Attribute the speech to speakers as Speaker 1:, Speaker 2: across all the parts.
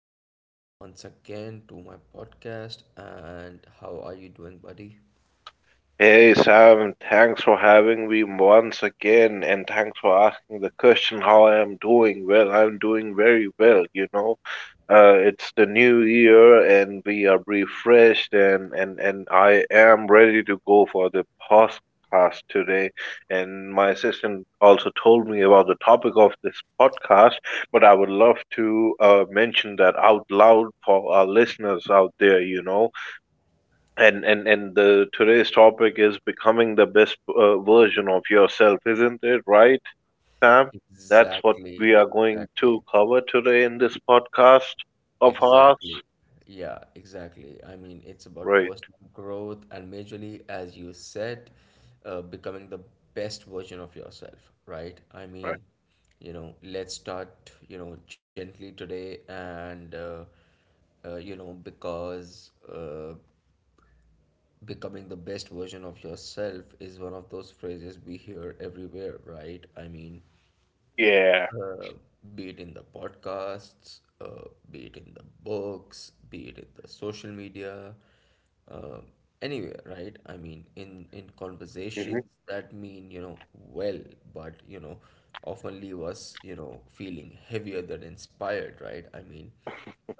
Speaker 1: welcome back once again to my podcast. And how are you doing, buddy?
Speaker 2: Hey Sam, thanks for having me once again, and thanks for asking the question how I am doing. Well, I'm doing very well. It's the new year and we are refreshed and I am ready to go for the podcast today. And my assistant also told me about the topic of this podcast, but I would love to mention that out loud for our listeners out there. And the today's topic is becoming the best version of yourself, isn't it? Right, Sam? That's what we
Speaker 1: Exactly,
Speaker 2: are going to
Speaker 1: exactly,
Speaker 2: cover today in this podcast of
Speaker 1: exactly.
Speaker 2: ours.
Speaker 1: Yeah, exactly. I mean, it's about
Speaker 2: Right,
Speaker 1: personal growth and majorly, as you said, becoming the best version of yourself, right? I
Speaker 2: right.
Speaker 1: mean, you know, let's start, you know, gently today and, you know, because becoming the best version of yourself is one of those phrases we hear everywhere, right? I mean,
Speaker 2: Yeah.
Speaker 1: uh, be it in the podcasts, be it in the books, be it in the social media, uh, anywhere, right? I mean, in
Speaker 2: Hmm.
Speaker 1: conversations that mean, you know, well, but you know, often leave us, you know, feeling heavier than inspired, right? I mean,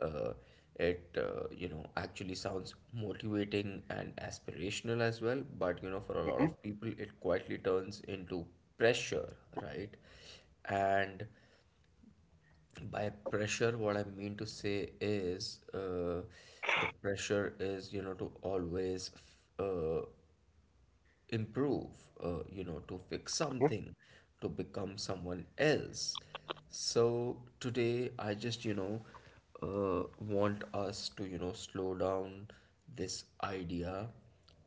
Speaker 1: uh, it you know actually sounds motivating and aspirational as well, but you know, for a lot
Speaker 2: Hmm.
Speaker 1: of people, it quietly turns into pressure, right? And by pressure, what I mean to say is the pressure is, you know, to always uh, improve, you know, to fix
Speaker 2: Hmm.
Speaker 1: something, to become someone else. So today, I just, you know, want us to, you know, slow down this idea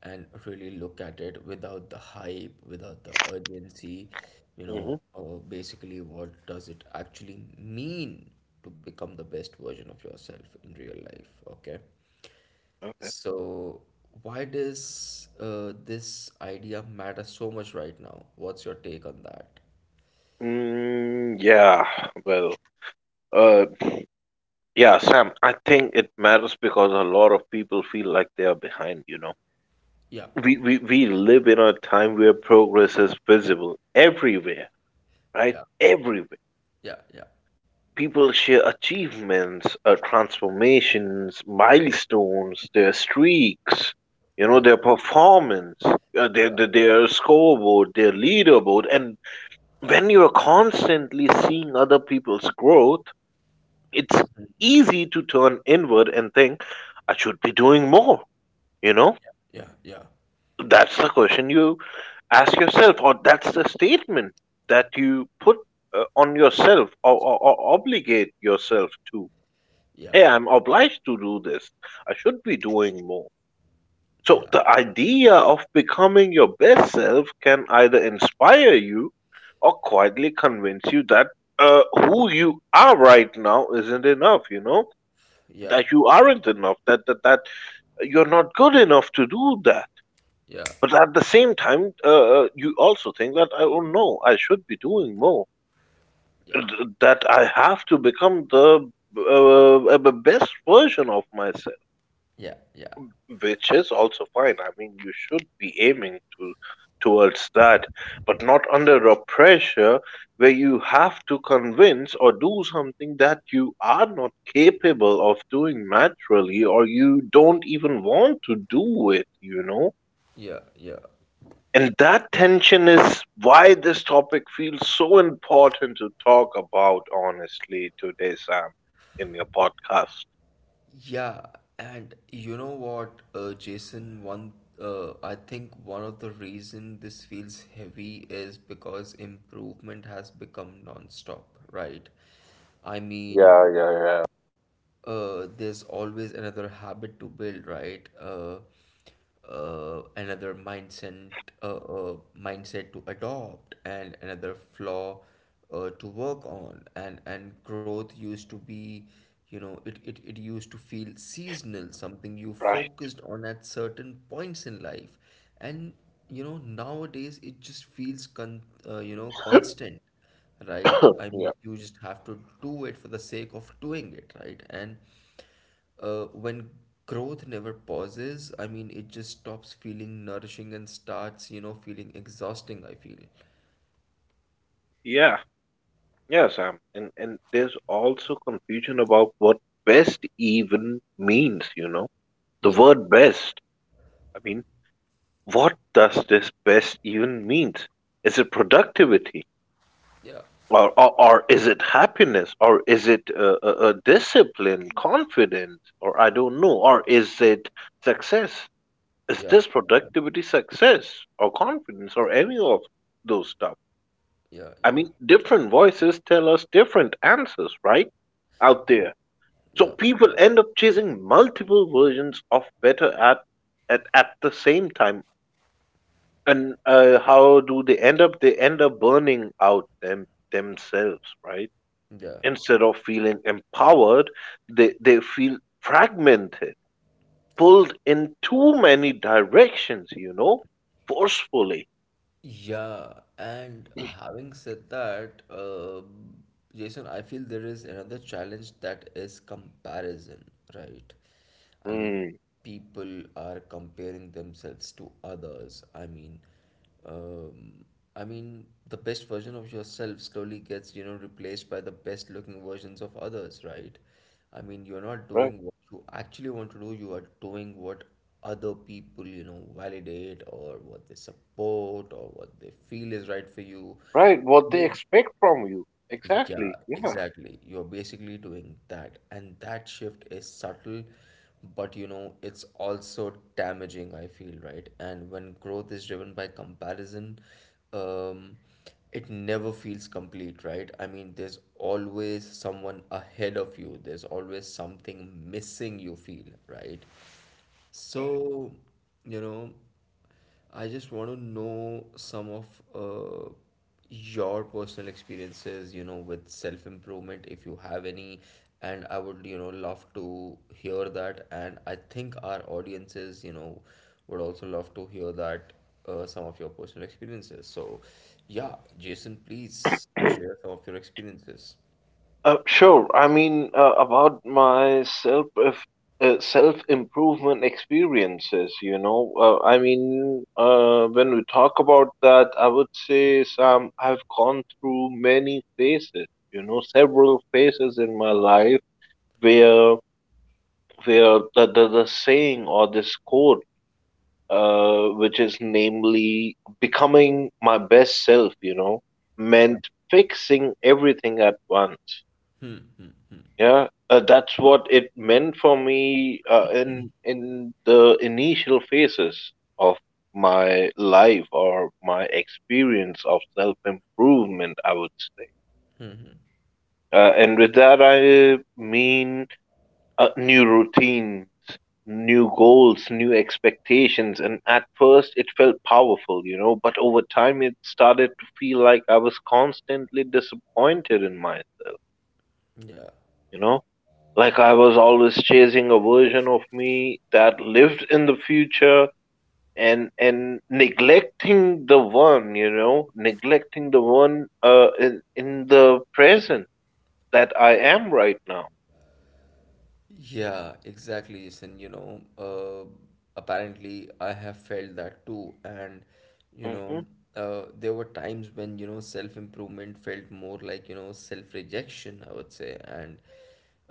Speaker 1: and really look at it without the hype, without the urgency, you
Speaker 2: Hmm.
Speaker 1: know, basically, what does it actually mean to become the best version of yourself in real life? Okay.
Speaker 2: Okay.
Speaker 1: So, why does this idea matter so much right now? What's your take on that?
Speaker 2: Mm, yeah. Well, uh, yeah, Sam, I think it matters because a lot of people feel like they are behind.
Speaker 1: Yeah,
Speaker 2: We live in a time where progress is visible everywhere, right?
Speaker 1: yeah,
Speaker 2: Everywhere.
Speaker 1: yeah, yeah,
Speaker 2: People share achievements, transformations, milestones, their streaks,
Speaker 1: yeah,
Speaker 2: their performance, their,
Speaker 1: yeah,
Speaker 2: their, their scoreboard, their leaderboard. And when you're constantly seeing other people's growth, it's easy to turn inward and think, I should be doing more, you know?
Speaker 1: yeah, yeah,
Speaker 2: That's the question you ask yourself, or that's the statement that you put on yourself or obligate yourself to.
Speaker 1: yeah,
Speaker 2: Hey, I'm obliged to do this. I should be doing more. So,
Speaker 1: yeah,
Speaker 2: the idea of becoming your best self can either inspire you or quietly convince you that who you are right now isn't enough,
Speaker 1: yeah,
Speaker 2: that you aren't enough, that you're not good enough to do that.
Speaker 1: yeah,
Speaker 2: But at the same time, you also think that I don't know. I should be doing more.
Speaker 1: yeah, yeah,
Speaker 2: That I have to become the best version of myself,
Speaker 1: yeah,
Speaker 2: which is also fine. I mean, you should be aiming to towards that, but not under a pressure where you have to convince or do something that you are not capable of doing naturally, or you don't even want to do it.
Speaker 1: yeah, yeah.
Speaker 2: And that tension is why this topic feels so important to talk about honestly today, Sam, in your podcast.
Speaker 1: Yeah, and you know what, Jason, one I think one of the reason this feels heavy is because improvement has become non-stop, right? I mean,
Speaker 2: Yeah, yeah, yeah.
Speaker 1: there's always another habit to build, right? Another mindset, mindset to adopt, and another flaw to work on. And growth used to be, you know, it used to feel seasonal, something you
Speaker 2: Right.
Speaker 1: focused on at certain points in life, and you know nowadays it just feels con you know constant, right? I
Speaker 2: Yeah.
Speaker 1: mean, you just have to do it for the sake of doing it, right? And when growth never pauses, I mean, it just stops feeling nourishing and starts, you know, feeling exhausting, I feel.
Speaker 2: Yeah, yeah, Sam. And there's also confusion about what best even means, you know? The
Speaker 1: Yeah,
Speaker 2: word best. I mean, what does this best even means? Is it productivity?
Speaker 1: yeah,
Speaker 2: Or is it happiness, or is it discipline, confidence, or I don't know, or is it success? Is
Speaker 1: yeah,
Speaker 2: this productivity, success, or confidence, or any of those stuff?
Speaker 1: yeah,
Speaker 2: I
Speaker 1: yeah,
Speaker 2: mean, different voices tell us different answers, right? Out
Speaker 1: yeah,
Speaker 2: there.
Speaker 1: yeah,
Speaker 2: So
Speaker 1: yeah, yeah,
Speaker 2: people end up chasing multiple versions of better at the same time. And how do they end up burning out themselves, right?
Speaker 1: yeah.
Speaker 2: Instead of feeling empowered, they feel fragmented, pulled in too many directions, forcefully.
Speaker 1: Yeah, and having said that, Jason, I feel there is another challenge that is comparison, right? I mean,
Speaker 2: Mm,
Speaker 1: people are comparing themselves to others. Um, I mean, the best version of yourself slowly gets, you know, replaced by the best looking versions of others, right? I mean, you're not
Speaker 2: right,
Speaker 1: doing what you actually want to do, you are doing what other people you know validate or what they support or what they feel is right for you.
Speaker 2: right. What they expect from you.
Speaker 1: Yeah,
Speaker 2: Exactly. Yeah.
Speaker 1: exactly, you're basically doing that, and that shift is subtle, but you know it's also damaging, I feel, right? And when growth is driven by comparison, um it never feels complete, right? I mean, there's always someone ahead of you, there's always something missing you feel, right? So, you know, I just want to know some of your personal experiences, you know, with self-improvement, if you have any. And I would, you know, love to hear that. And I think our audiences, you know, would also love to hear that, some of your personal experiences. So, yeah, Jason, please share some of your experiences.
Speaker 2: Sure. I mean, about my self if, self improvement experiences. I mean, when we talk about that, I would say, Sam, I've gone through many phases, several phases in my life, where where the saying or this quote, which is namely becoming my best self you know
Speaker 1: Yeah.
Speaker 2: meant fixing everything at once.
Speaker 1: Hmm.
Speaker 2: Yeah, that's what it meant for me, in the initial phases of my life, or my experience of self improvement, I would say. And with that I mean, new routines, new goals, new expectations. And at first, it felt powerful, but over time, it started to feel like I was constantly disappointed in myself,
Speaker 1: Yeah.
Speaker 2: you know, like I was always chasing a version of me that lived in the future. And neglecting the one, in the present that I am right now.
Speaker 1: Yeah, exactly, Jason. You know, apparently I have felt that too. And, you know,
Speaker 2: Mm-hmm.
Speaker 1: there were times when, you know, self-improvement felt more like, you know, self-rejection, I would say. And,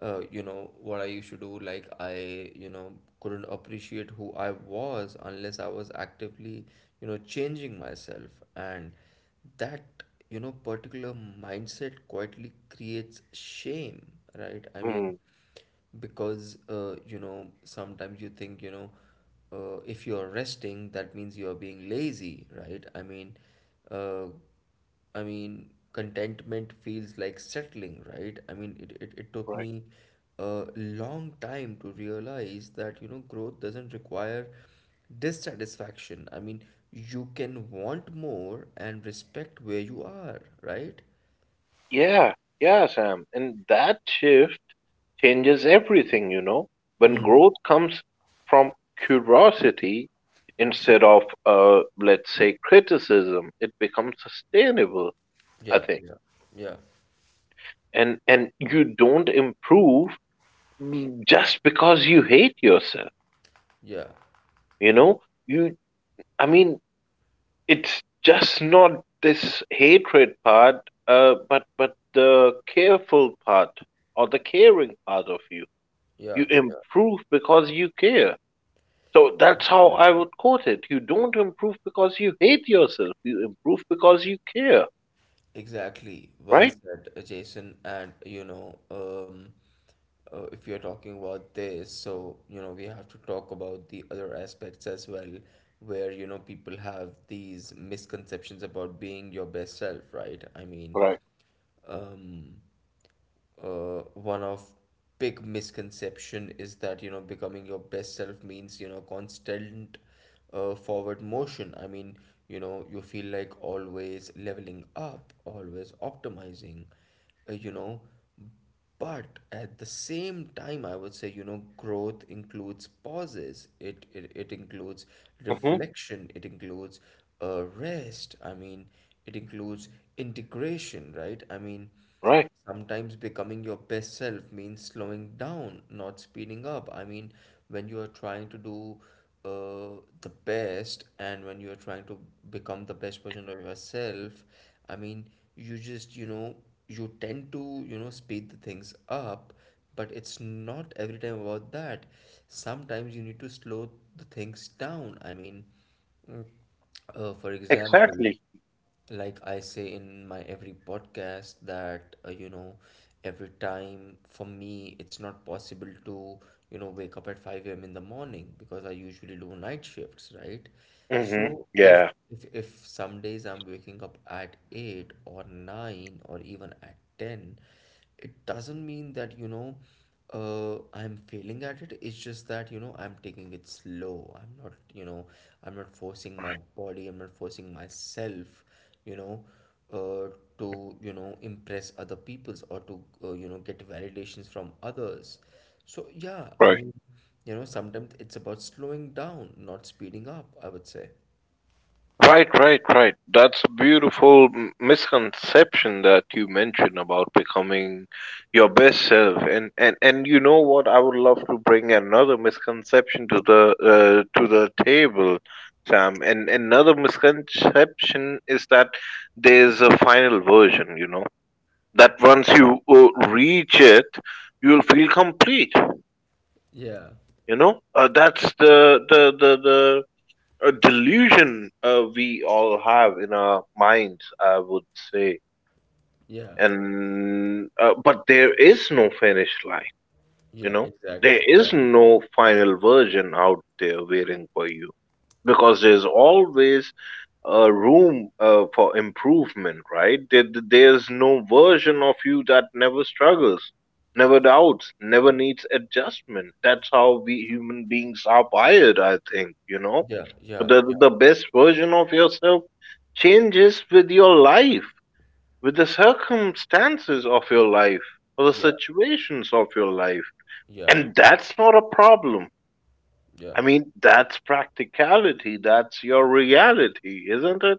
Speaker 1: you know, what I used to do, like I, you know, couldn't appreciate who I was unless I was actively, you know, changing myself. And that, you know, particular mindset quietly creates shame, right? I mean,
Speaker 2: Mm,
Speaker 1: because you know sometimes you think, you know, if you are resting that means you are being lazy, right? I mean, uh, I mean contentment feels like settling, right? I mean, it took
Speaker 2: right.
Speaker 1: me a long time to realize that you know growth doesn't require dissatisfaction. I mean, you can want more and respect where you are, right?
Speaker 2: Yeah, yeah, Sam. And that shift changes everything. When
Speaker 1: Hmm.
Speaker 2: growth comes from curiosity instead of, let's say, criticism, it becomes sustainable, I
Speaker 1: Yeah,
Speaker 2: think.
Speaker 1: yeah, yeah,
Speaker 2: And you don't improve just because you hate yourself,
Speaker 1: yeah,
Speaker 2: you know? You, I mean, it's just not this hatred part, but the careful part or the caring part of you
Speaker 1: yeah,
Speaker 2: You
Speaker 1: yeah,
Speaker 2: improve because you care. So that's how
Speaker 1: yeah.
Speaker 2: I would quote it. You don't improve because you hate yourself. You improve because you care.
Speaker 1: Exactly. Well
Speaker 2: Right?
Speaker 1: said, Jason. And you know, if you're talking about this, so you know, we have to talk about the other aspects as well, where you know people have these misconceptions about being your best self, right? I mean,
Speaker 2: Right.
Speaker 1: um, one of big misconception is that you know becoming your best self means you know constant forward motion. I mean, you know you feel like always leveling up, always optimizing, you know, but at the same time I would say, you know, growth includes pauses, it includes
Speaker 2: Hmm.
Speaker 1: reflection, it includes rest. I mean, it includes integration, right? I mean,
Speaker 2: Right.
Speaker 1: sometimes becoming your best self means slowing down, not speeding up. I mean, when you are trying to do the best and when you are trying to become the best version of yourself, I mean, you just, you know, you tend to, you know, speed the things up, but it's not every time about that. Sometimes you need to slow the things down. I mean, mm, for example,
Speaker 2: Exactly.
Speaker 1: like I say in my every podcast that, you know, every time for me it's not possible to, you know, wake up at 5 a.m. in the morning because I usually do night shifts, right?
Speaker 2: Hmm.
Speaker 1: So if
Speaker 2: Yeah.
Speaker 1: if some days I'm waking up at 8 or 9 or even at 10, it doesn't mean that, you know, I'm failing at it. It's just that, you know, I'm taking it slow. I'm not, you know, I'm not forcing my body, I'm not forcing myself, you know, uh, to, you know, impress other peoples or to, you know, get validations from others. So yeah, I
Speaker 2: Right.
Speaker 1: mean, you know, sometimes it's about slowing down, not speeding up, I would say.
Speaker 2: Right, right, right. That's a beautiful misconception that you mentioned about becoming your best self. And you know what? I would love to bring another misconception to the to the table, Sam. And another misconception is that there's a final version. You know that once you reach it, you'll feel complete.
Speaker 1: Yeah,
Speaker 2: That's the a delusion we all have in our minds, I would say.
Speaker 1: yeah,
Speaker 2: And but there is no finish line. You
Speaker 1: yeah,
Speaker 2: know, there
Speaker 1: exactly. Yeah,
Speaker 2: is no final version out there waiting for you, because there's always a room for improvement, right? There's no version of you that never struggles, never doubts, never needs adjustment. That's how we human beings are wired, I think.
Speaker 1: yeah, yeah,
Speaker 2: The,
Speaker 1: yeah,
Speaker 2: the best version of yourself changes with your life, with the circumstances of your life, or the
Speaker 1: yeah,
Speaker 2: situations of your life,
Speaker 1: yeah,
Speaker 2: and that's not a problem.
Speaker 1: yeah.
Speaker 2: I mean, that's practicality. That's your reality, isn't it?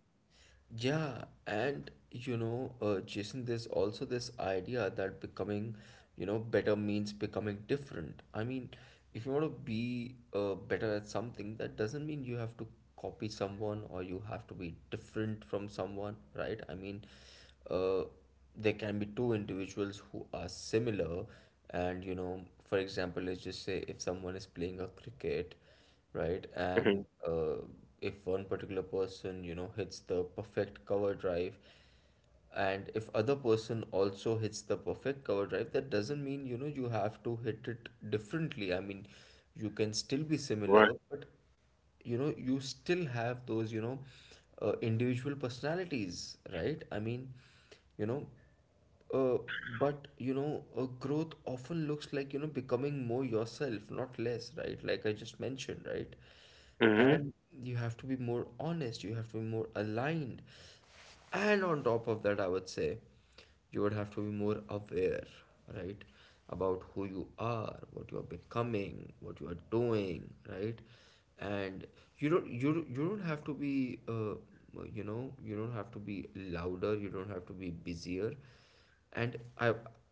Speaker 1: Yeah, and you know, Jason, there's also this idea that becoming, you know, better means becoming different. I mean, if you want to be better at something, that doesn't mean you have to copy someone or you have to be different from someone, right? I mean, uh, there can be two individuals who are similar, and you know, for example, let's just say if someone is playing a cricket, right?
Speaker 2: Hmm.
Speaker 1: And if one particular person, you know, hits the perfect cover drive, and if other person also hits the perfect cover drive, that doesn't mean, you know, you have to hit it differently. I mean, you can still be
Speaker 2: Right.
Speaker 1: similar, but you know, you still have those, you know, individual personalities, right? I mean, you know. Uh, but you know, growth often looks like you know becoming more yourself, not less, right? Like I just mentioned, right?
Speaker 2: Hmm.
Speaker 1: And you have to be more honest, you have to be more aligned. And on top of that, I would say you would have to be more aware, right? About who you are, what you are becoming, what you are doing, right? And you don't have to be uh, you know, you don't have to be louder, you don't have to be busier. And i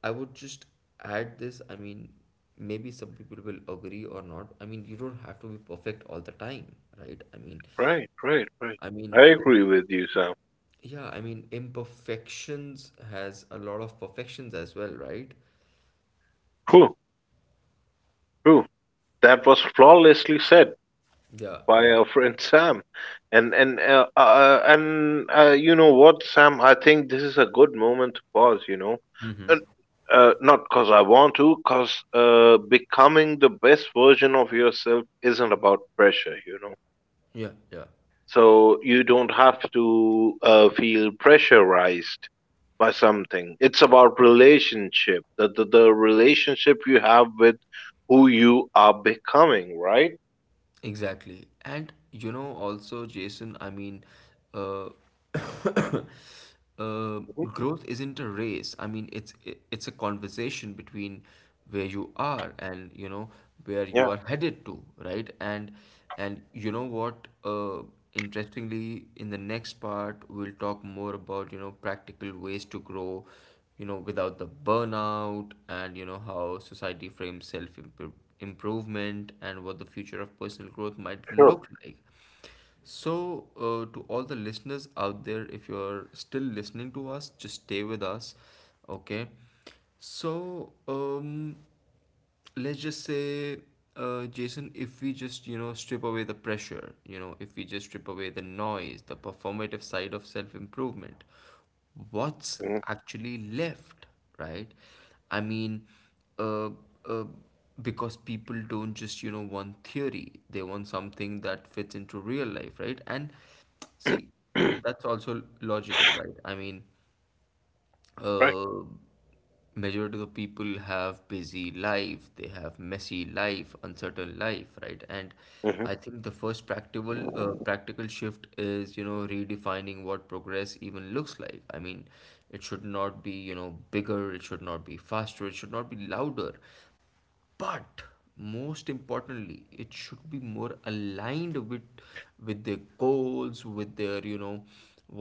Speaker 1: I would just add this. I mean, maybe some people will agree or not. I mean, you don't have to be perfect all the time, right? I mean,
Speaker 2: Right. Right. Right.
Speaker 1: i mean
Speaker 2: I
Speaker 1: im-
Speaker 2: agree with you, Sam.
Speaker 1: yeah, I mean imperfections has a lot of perfections as well, right?
Speaker 2: True. True. That was flawlessly said
Speaker 1: Yeah,
Speaker 2: by
Speaker 1: yeah.
Speaker 2: our friend Sam. And you know what, Sam? I think this is a good moment to pause. You know,
Speaker 1: Mm-hmm.
Speaker 2: and, not because I want to, because becoming the best version of yourself isn't about pressure.
Speaker 1: Yeah, yeah.
Speaker 2: So you don't have to feel pressurized by something. It's about relationship, the relationship you have with who you are becoming, right?
Speaker 1: Exactly. And you know, also, Jason, I mean, uh,
Speaker 2: Hmm.
Speaker 1: growth isn't a race. I mean, it's a conversation between where you are and you know where
Speaker 2: Yeah,
Speaker 1: you are headed to, right? And you know what? Interestingly, in the next part, we'll talk more about you know practical ways to grow, you know, without the burnout, and you know, how society frames self improvement and what the future of personal growth might
Speaker 2: sure.
Speaker 1: look like. So, to all the listeners out there, if you're still listening to us, just stay with us, okay? So, let's just say Jason, if we just strip away the pressure, if we just strip away the noise, the performative side of self-improvement, what's
Speaker 2: Hmm.
Speaker 1: actually left, right? I mean, uh, uh, because people don't just want theory, they want something that fits into real life, right? And see, that's also logical, right? I mean,
Speaker 2: Right.
Speaker 1: uh, majority of the people have busy life, they have messy life, uncertain life, right? And I
Speaker 2: Hmm.
Speaker 1: think the first practical shift is redefining what progress even looks like. I mean, it should not be bigger, it should not be faster, it should not be louder, but most importantly it should be more aligned with their goals, with their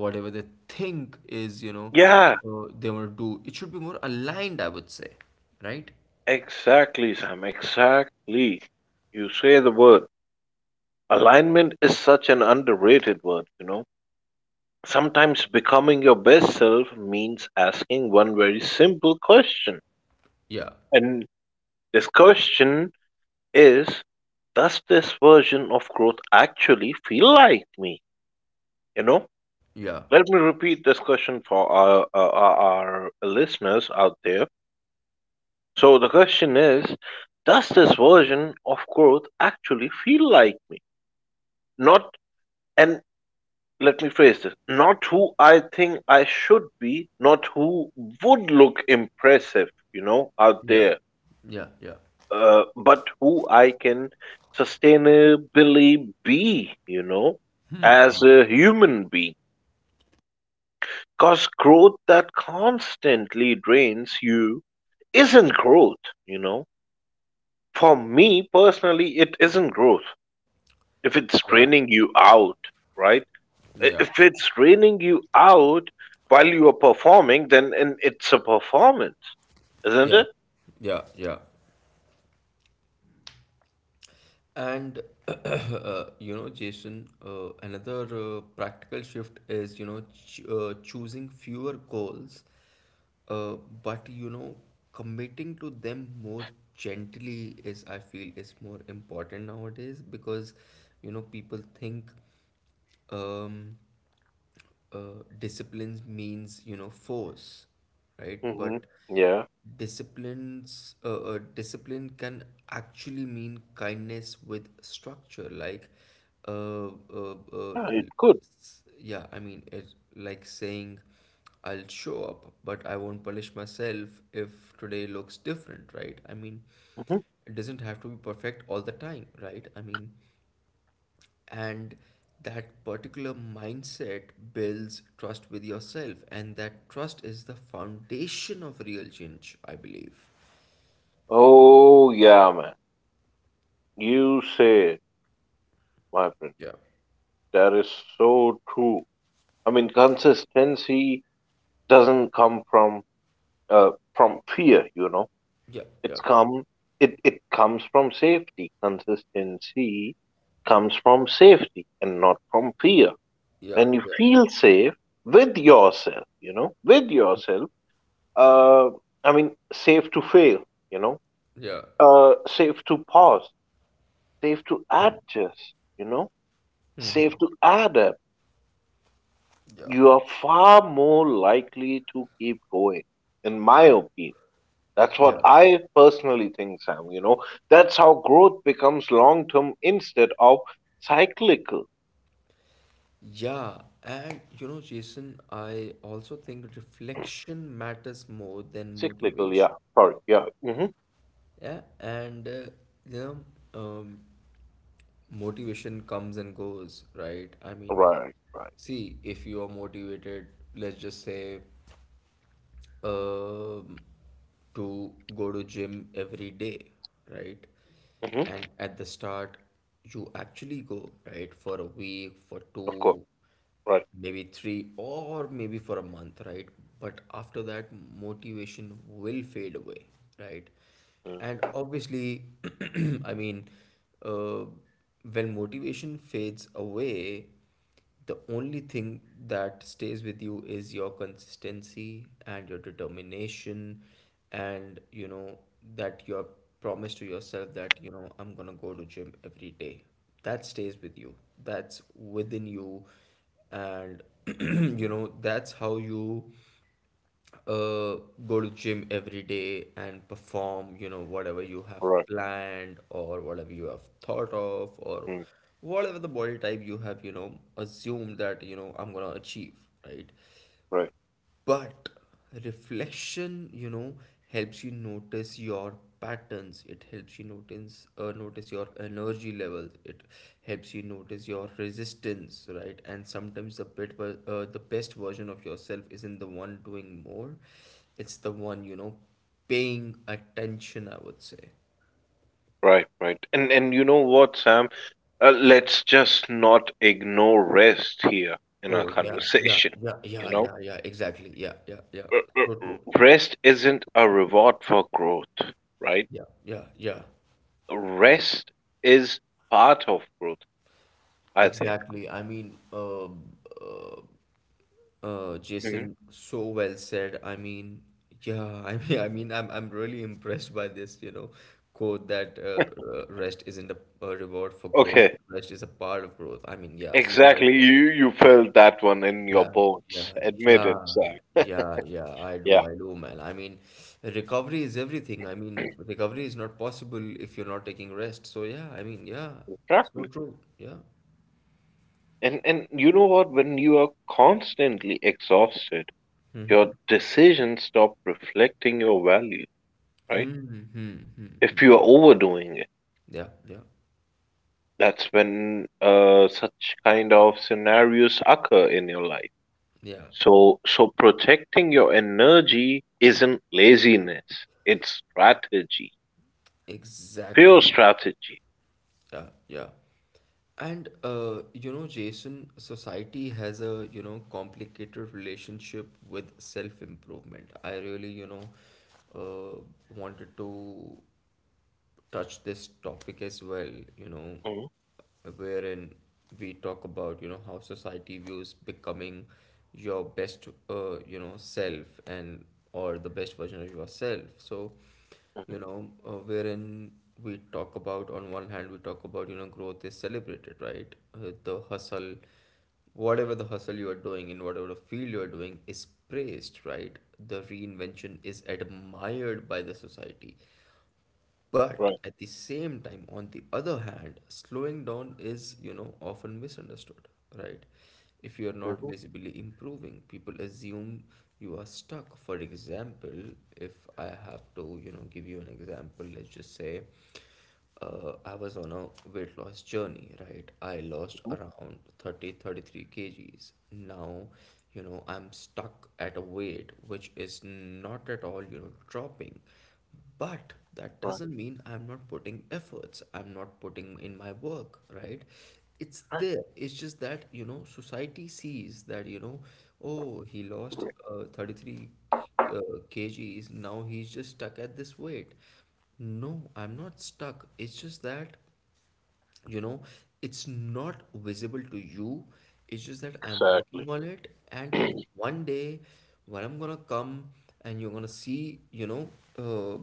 Speaker 1: whatever they think is,
Speaker 2: Yeah,
Speaker 1: they want to do, it should be more aligned, I would say, right?
Speaker 2: exactly, Sam. Exactly. You say the word. Alignment is such an underrated word. Sometimes becoming your best self means asking one very simple question.
Speaker 1: Yeah,
Speaker 2: And this question is, does this version of growth actually feel like me? You know,
Speaker 1: yeah,
Speaker 2: let me repeat this question for our listeners out there. So the question is, does this version of growth actually feel like me? Not, and let me phrase this, not who I think I should be, not who would look impressive, out
Speaker 1: yeah,
Speaker 2: there,
Speaker 1: yeah, yeah,
Speaker 2: but who I can sustainably be, as a human being. Because growth that constantly drains you isn't growth, you know. For me personally, it isn't growth. If it's
Speaker 1: yeah,
Speaker 2: draining you out, right? I-
Speaker 1: yeah,
Speaker 2: If it's draining you out while you are performing, then and it's a performance, isn't
Speaker 1: yeah,
Speaker 2: it?
Speaker 1: yeah, yeah. And you know, Jason, another practical shift is choosing fewer goals. Uh, but you know, committing to them more gently is, I feel, is more important nowadays because, you know, people think, um, discipline means force, right?
Speaker 2: Hmm.
Speaker 1: But
Speaker 2: Yeah,
Speaker 1: discipline can actually mean kindness with structure, like uh, uh, uh,
Speaker 2: yeah, it
Speaker 1: l-
Speaker 2: could.
Speaker 1: yeah, I mean it, like saying, I'll show up but I won't punish myself if today looks different, right? I mean,
Speaker 2: Hmm.
Speaker 1: it doesn't have to be perfect all the time, right? I mean, and that particular mindset builds trust with yourself, and that trust is the foundation of real change, I believe.
Speaker 2: Oh, yeah, man. You say, my friend,
Speaker 1: Yeah,
Speaker 2: that is so true. I mean, consistency doesn't come from fear.
Speaker 1: yeah, yeah,
Speaker 2: It's come it comes from safety. Consistency comes from safety and not from fear.
Speaker 1: yeah,
Speaker 2: When you
Speaker 1: yeah,
Speaker 2: feel safe with yourself, uh, I mean, safe to fail, you know,
Speaker 1: yeah.
Speaker 2: safe to pause, safe to
Speaker 1: Mm.
Speaker 2: adjust, safe
Speaker 1: Mm-hmm.
Speaker 2: to adapt,
Speaker 1: Yeah,
Speaker 2: you are far more likely to keep going, in my opinion. That's what
Speaker 1: yeah,
Speaker 2: I personally think, Sam. That's how growth becomes long term instead of cyclical.
Speaker 1: yeah. And Jason, I also think reflection matters more than
Speaker 2: Cyclical,
Speaker 1: motivation.
Speaker 2: yeah. Sorry, yeah. Hmm.
Speaker 1: Yeah. And you know um motivation comes and goes, right? I mean,
Speaker 2: Right, right.
Speaker 1: see, if you are motivated, let's just say um, to go to gym every day, right?
Speaker 2: Hmm.
Speaker 1: And at the start, you actually go, right, for a week, for
Speaker 2: Of course.
Speaker 1: two,
Speaker 2: Right.
Speaker 1: maybe three, or maybe for a month, right? But after that, motivation will fade away, right?
Speaker 2: Mm.
Speaker 1: And obviously, I mean, uh, when motivation fades away, the only thing that stays with you is your consistency and your determination, and you know that your promise to yourself, that I'm gonna go to gym every day. That stays with you. That's within you, and you know that's how you uh, go to gym every day and perform, whatever you have
Speaker 2: Right.
Speaker 1: planned or whatever you have thought of, or
Speaker 2: Mm.
Speaker 1: whatever the body type you have, assumed that, I'm gonna achieve, right?
Speaker 2: Right,
Speaker 1: But reflection helps you notice your patterns. It helps you notice your energy levels. It helps you notice your resistance, right? And sometimes the the best version of yourself isn't the one doing more. It's the one paying attention, I would say.
Speaker 2: right, right. And you know what, Sam? Let's just not ignore rest here in our
Speaker 1: Oh yeah, yeah,
Speaker 2: conversation.
Speaker 1: yeah,
Speaker 2: You
Speaker 1: yeah,
Speaker 2: know.
Speaker 1: yeah, yeah, exactly. Yeah, yeah, yeah. So true.
Speaker 2: Rest isn't a reward for growth, right?
Speaker 1: Yeah, yeah, yeah.
Speaker 2: Rest is part of growth, I think.
Speaker 1: Exactly. I mean, uh,
Speaker 2: Hmm.
Speaker 1: Jason, so well said. I mean, yeah, I mean, I'm really impressed by this, quote that rest isn't a reward for growth,
Speaker 2: Okay,
Speaker 1: rest is a part of growth. I mean, yeah, so well
Speaker 2: exactly.
Speaker 1: said.
Speaker 2: You felt that one in your
Speaker 1: Yeah,
Speaker 2: bones.
Speaker 1: yeah,
Speaker 2: Admit it,
Speaker 1: yeah,
Speaker 2: Sam.
Speaker 1: yeah, yeah.
Speaker 2: Yeah,
Speaker 1: I do, man. I mean, recovery is everything. I mean, recovery is not possible if you're not taking rest. So yeah, I mean, yeah, so
Speaker 2: exactly.
Speaker 1: true. Yeah.
Speaker 2: And you know what? When you are constantly exhausted,
Speaker 1: Mm-hmm.
Speaker 2: your decisions stop reflecting your value, right?
Speaker 1: Hmm. Hmm. Hmm.
Speaker 2: If you are overdoing it,
Speaker 1: Yeah. Yeah.
Speaker 2: that's when such kind of scenarios occur in your life.
Speaker 1: Yeah.
Speaker 2: So protecting your energy isn't laziness, it's strategy, pure
Speaker 1: Exactly.
Speaker 2: strategy.
Speaker 1: Yeah, yeah. And you know, Jason, society has a complicated relationship with self-improvement. I really, uh, wanted to touch this topic as well, you know,
Speaker 2: Mhm.
Speaker 1: wherein we talk about, how society views becoming your best self, and or the best version of yourself. So,
Speaker 2: Mhm.
Speaker 1: you know, uh, wherein we talk about, on one hand, we talk about, growth is celebrated, right? The hustle, whatever the hustle you are doing in whatever the field you are doing, is praised, right? The reinvention is admired by the society. But
Speaker 2: Right.
Speaker 1: at the same time, on the other hand, slowing down is often misunderstood, right? If you are not
Speaker 2: Mhm.
Speaker 1: visibly improving, people assume you are stuck. For example, if I have to give you an example, let's just say I was on a weight loss journey, right? I lost
Speaker 2: Mhm.
Speaker 1: around 33 kgs. Now, I'm stuck at a weight which is not at all, dropping. But that
Speaker 2: Right.
Speaker 1: doesn't mean I'm not putting efforts, I'm not putting in my work, right? It's
Speaker 2: Right.
Speaker 1: there. It's just that, society sees that, oh, he lost 33 kgs, now he's just stuck at this weight. No, I'm not stuck. It's just that you know it's not visible to you. It's just that I'm working
Speaker 2: Exactly.
Speaker 1: on it. And one day when I'm gonna come and you're gonna see uh,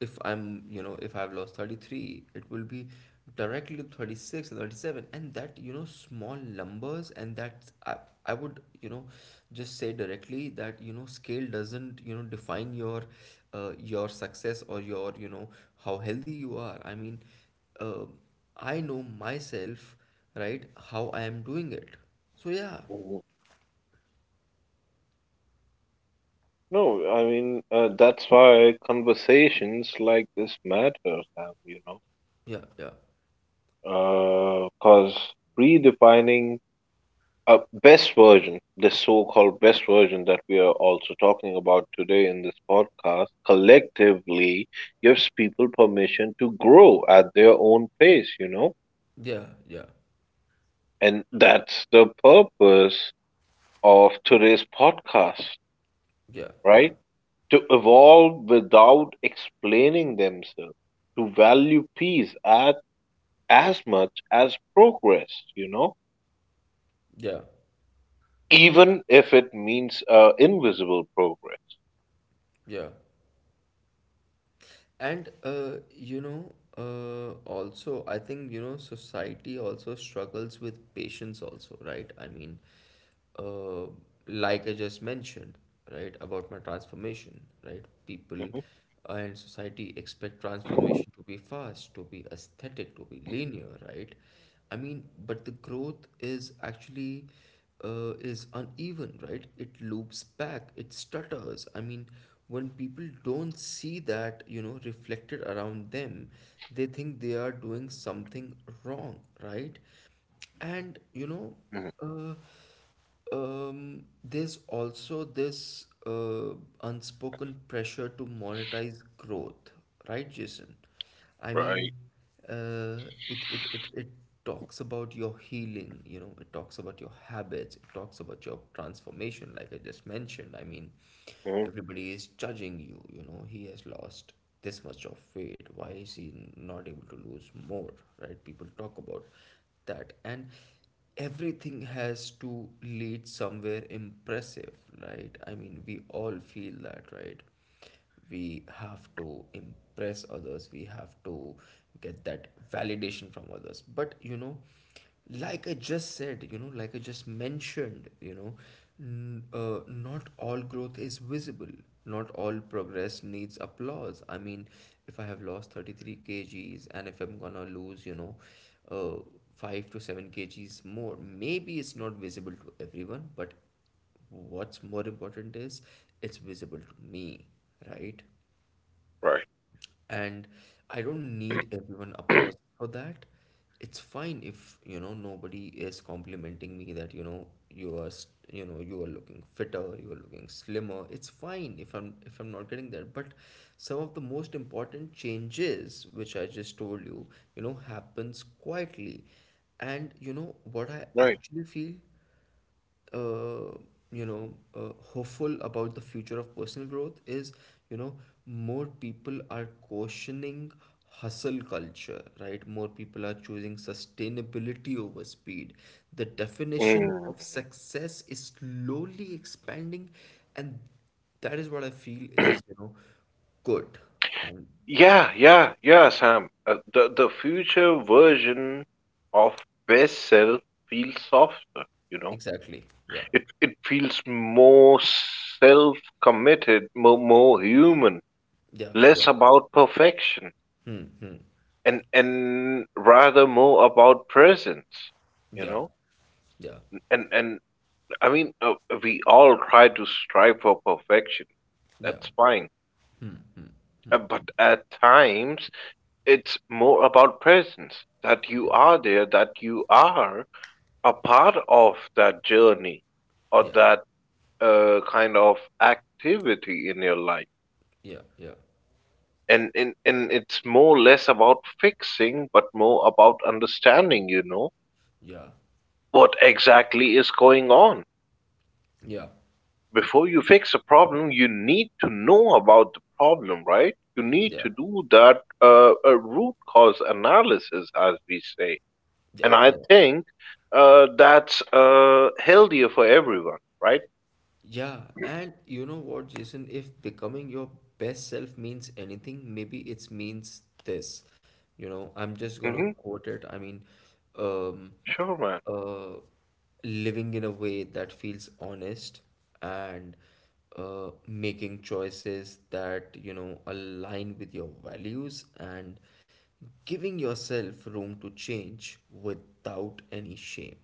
Speaker 1: if I'm, if I've lost 33, it will be directly to 36 and 37, and that small numbers. And that I would just say directly that scale doesn't define your success or your how healthy you are. I mean, uh, I know myself, right? How I am doing it. So yeah,
Speaker 2: Mhm. No, I mean, that's why conversations like this matter, Sam,
Speaker 1: yeah, yeah,
Speaker 2: because redefining a best version, the so called best version that we are also talking about today in this podcast, collectively gives people permission to grow at their own pace, you know?
Speaker 1: yeah, yeah,
Speaker 2: And that's the purpose of today's podcast,
Speaker 1: yeah, yeah,
Speaker 2: right? To evolve without explaining themselves, to value peace as much as progress, you know?
Speaker 1: yeah,
Speaker 2: Even if it means invisible progress.
Speaker 1: yeah. And you know, also I think society also struggles with patience also, right? I mean, uh, like I just mentioned, right, about my transformation, right? People
Speaker 2: Hmm.
Speaker 1: and society expect transformation to be fast, to be aesthetic, to be linear, right? I mean, but the growth is actually is uneven, right? It loops back, it stutters. I mean, when people don't see that reflected around them, they think they are doing something wrong, right? And
Speaker 2: Hmm.
Speaker 1: uh, there's also this unspoken pressure to monetize growth, right, Jason? I mean,
Speaker 2: Right.
Speaker 1: it talks about your healing, it talks about your habits, it talks about your transformation, like I just mentioned. I mean,
Speaker 2: Hmm.
Speaker 1: everybody is judging you, he has lost this much of weight, why is he not able to lose more, right? People talk about that. And everything has to lead somewhere impressive, right? I mean, we all feel that, right? We have to impress others, we have to get that validation from others. But, like I just said, like I just mentioned, not all growth is visible. Not all progress needs applause. I mean, if I have lost 33 kgs and if I'm gonna lose, uh, 5 to 7 kgs more, maybe it's not visible to everyone, but what's more important is it's visible to me, right?
Speaker 2: Right.
Speaker 1: And I don't need everyone applause for that. It's fine if, nobody is complimenting me that, you are, you are looking fitter, you are looking slimmer. It's fine if I'm not getting that. But some of the most important changes, which I just told you, happens quietly. And you know what I
Speaker 2: Right.
Speaker 1: actually feel? uh, Hopeful about the future of personal growth is, you know more people are cautioning hustle culture, right? More people are choosing sustainability over speed. The definition
Speaker 2: Mm.
Speaker 1: of success is slowly expanding, and that is what I feel is good. And
Speaker 2: Yeah, yeah, yeah, Sam. The future version of best self feels softer. You know,
Speaker 1: exactly, yeah,
Speaker 2: it feels more self committed, more human,
Speaker 1: yeah, yeah.
Speaker 2: less about perfection,
Speaker 1: Hmm, hmm.
Speaker 2: and rather more about presence. You
Speaker 1: Yeah,
Speaker 2: know,
Speaker 1: yeah,
Speaker 2: and I mean, we all try to strive for perfection.
Speaker 1: yeah,
Speaker 2: That's fine, but at times it's more about presence, that you
Speaker 1: yeah,
Speaker 2: are there, that you are a part of that journey or
Speaker 1: yeah,
Speaker 2: that kind of activity in your life.
Speaker 1: yeah, yeah.
Speaker 2: And it's more less about fixing, but more about understanding,
Speaker 1: Yeah,
Speaker 2: what exactly is going on.
Speaker 1: yeah,
Speaker 2: Before you fix a problem, you need to know about the problem, right? You need to
Speaker 1: yeah,
Speaker 2: do that a root cause analysis, as we say. And
Speaker 1: yeah,
Speaker 2: I
Speaker 1: yeah.
Speaker 2: think that's healthier for everyone, right?
Speaker 1: Yeah, and you know what, Jason, if becoming your best self means anything, maybe it means this. You know, I'm just gonna
Speaker 2: Mm-hmm.
Speaker 1: quote it. I mean, um,
Speaker 2: Sure, man.
Speaker 1: uh, living in a way that feels honest, and making choices that, align with your values, and giving yourself room to change without any shame.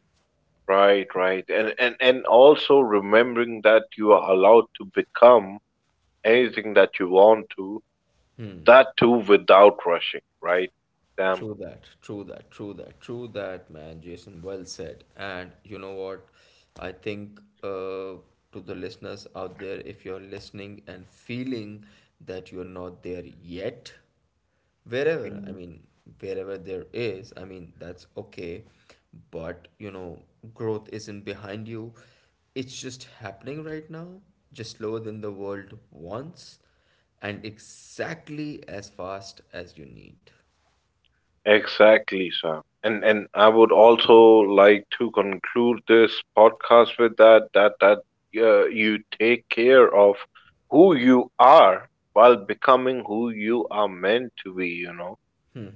Speaker 2: Right, right. And also remembering that you are allowed to become anything that you want to, that too without rushing, right? Damn.
Speaker 1: True that, true that, true that, true that, man. Jason, well said. And you know what? I think to the listeners out there, if you're listening and feeling that you're not there yet, wherever, I mean, wherever there is, I mean, that's okay. But you know, growth isn't behind you, it's just happening right now, just slower than the world wants, and exactly as fast as you need.
Speaker 2: Exactly, Sam. And I would also like to conclude this podcast with that you take care of who you are while becoming who you are meant to be.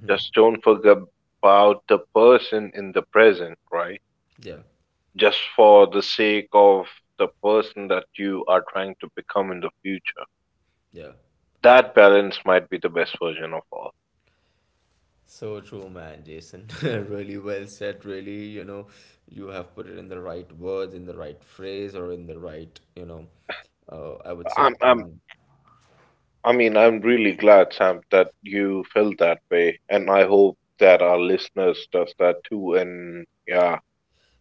Speaker 2: Just don't forget about the person in the present, right?
Speaker 1: Yeah.
Speaker 2: Just for the sake of the person that you are trying to become in the future.
Speaker 1: Yeah.
Speaker 2: That balance might be the best version of all.
Speaker 1: So true, man, Jason. Really well said, really. You know, you have put it in the right words, in the right phrase, or in the right, I would say
Speaker 2: I'm I'm
Speaker 1: in.
Speaker 2: I mean, I'm really glad, Sam, that you felt that way, and I hope that our listeners does that too. And yeah,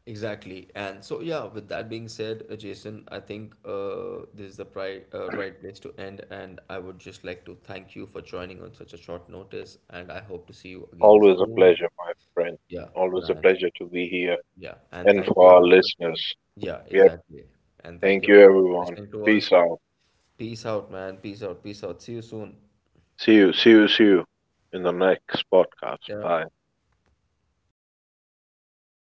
Speaker 1: Exactly. And so, yeah, with that being said, Jason, I think this is the pri right place to end. And I would just like to thank you for joining on such a short notice. And I hope to see you again
Speaker 2: always a
Speaker 1: soon.
Speaker 2: pleasure, my friend.
Speaker 1: Yeah,
Speaker 2: Always a
Speaker 1: man.
Speaker 2: pleasure to be here,
Speaker 1: Yeah. And
Speaker 2: and
Speaker 1: thank you,
Speaker 2: for our
Speaker 1: everyone.
Speaker 2: listeners.
Speaker 1: Yeah,
Speaker 2: Yep.
Speaker 1: exactly. And thank
Speaker 2: Thank
Speaker 1: you,
Speaker 2: you,
Speaker 1: everyone, for
Speaker 2: everyone.
Speaker 1: listening to
Speaker 2: Peace
Speaker 1: us.
Speaker 2: out.
Speaker 1: Peace out, man. Peace out. Peace out. See you soon.
Speaker 2: See you. See you. See you in the next podcast.
Speaker 1: Yeah.
Speaker 2: Bye.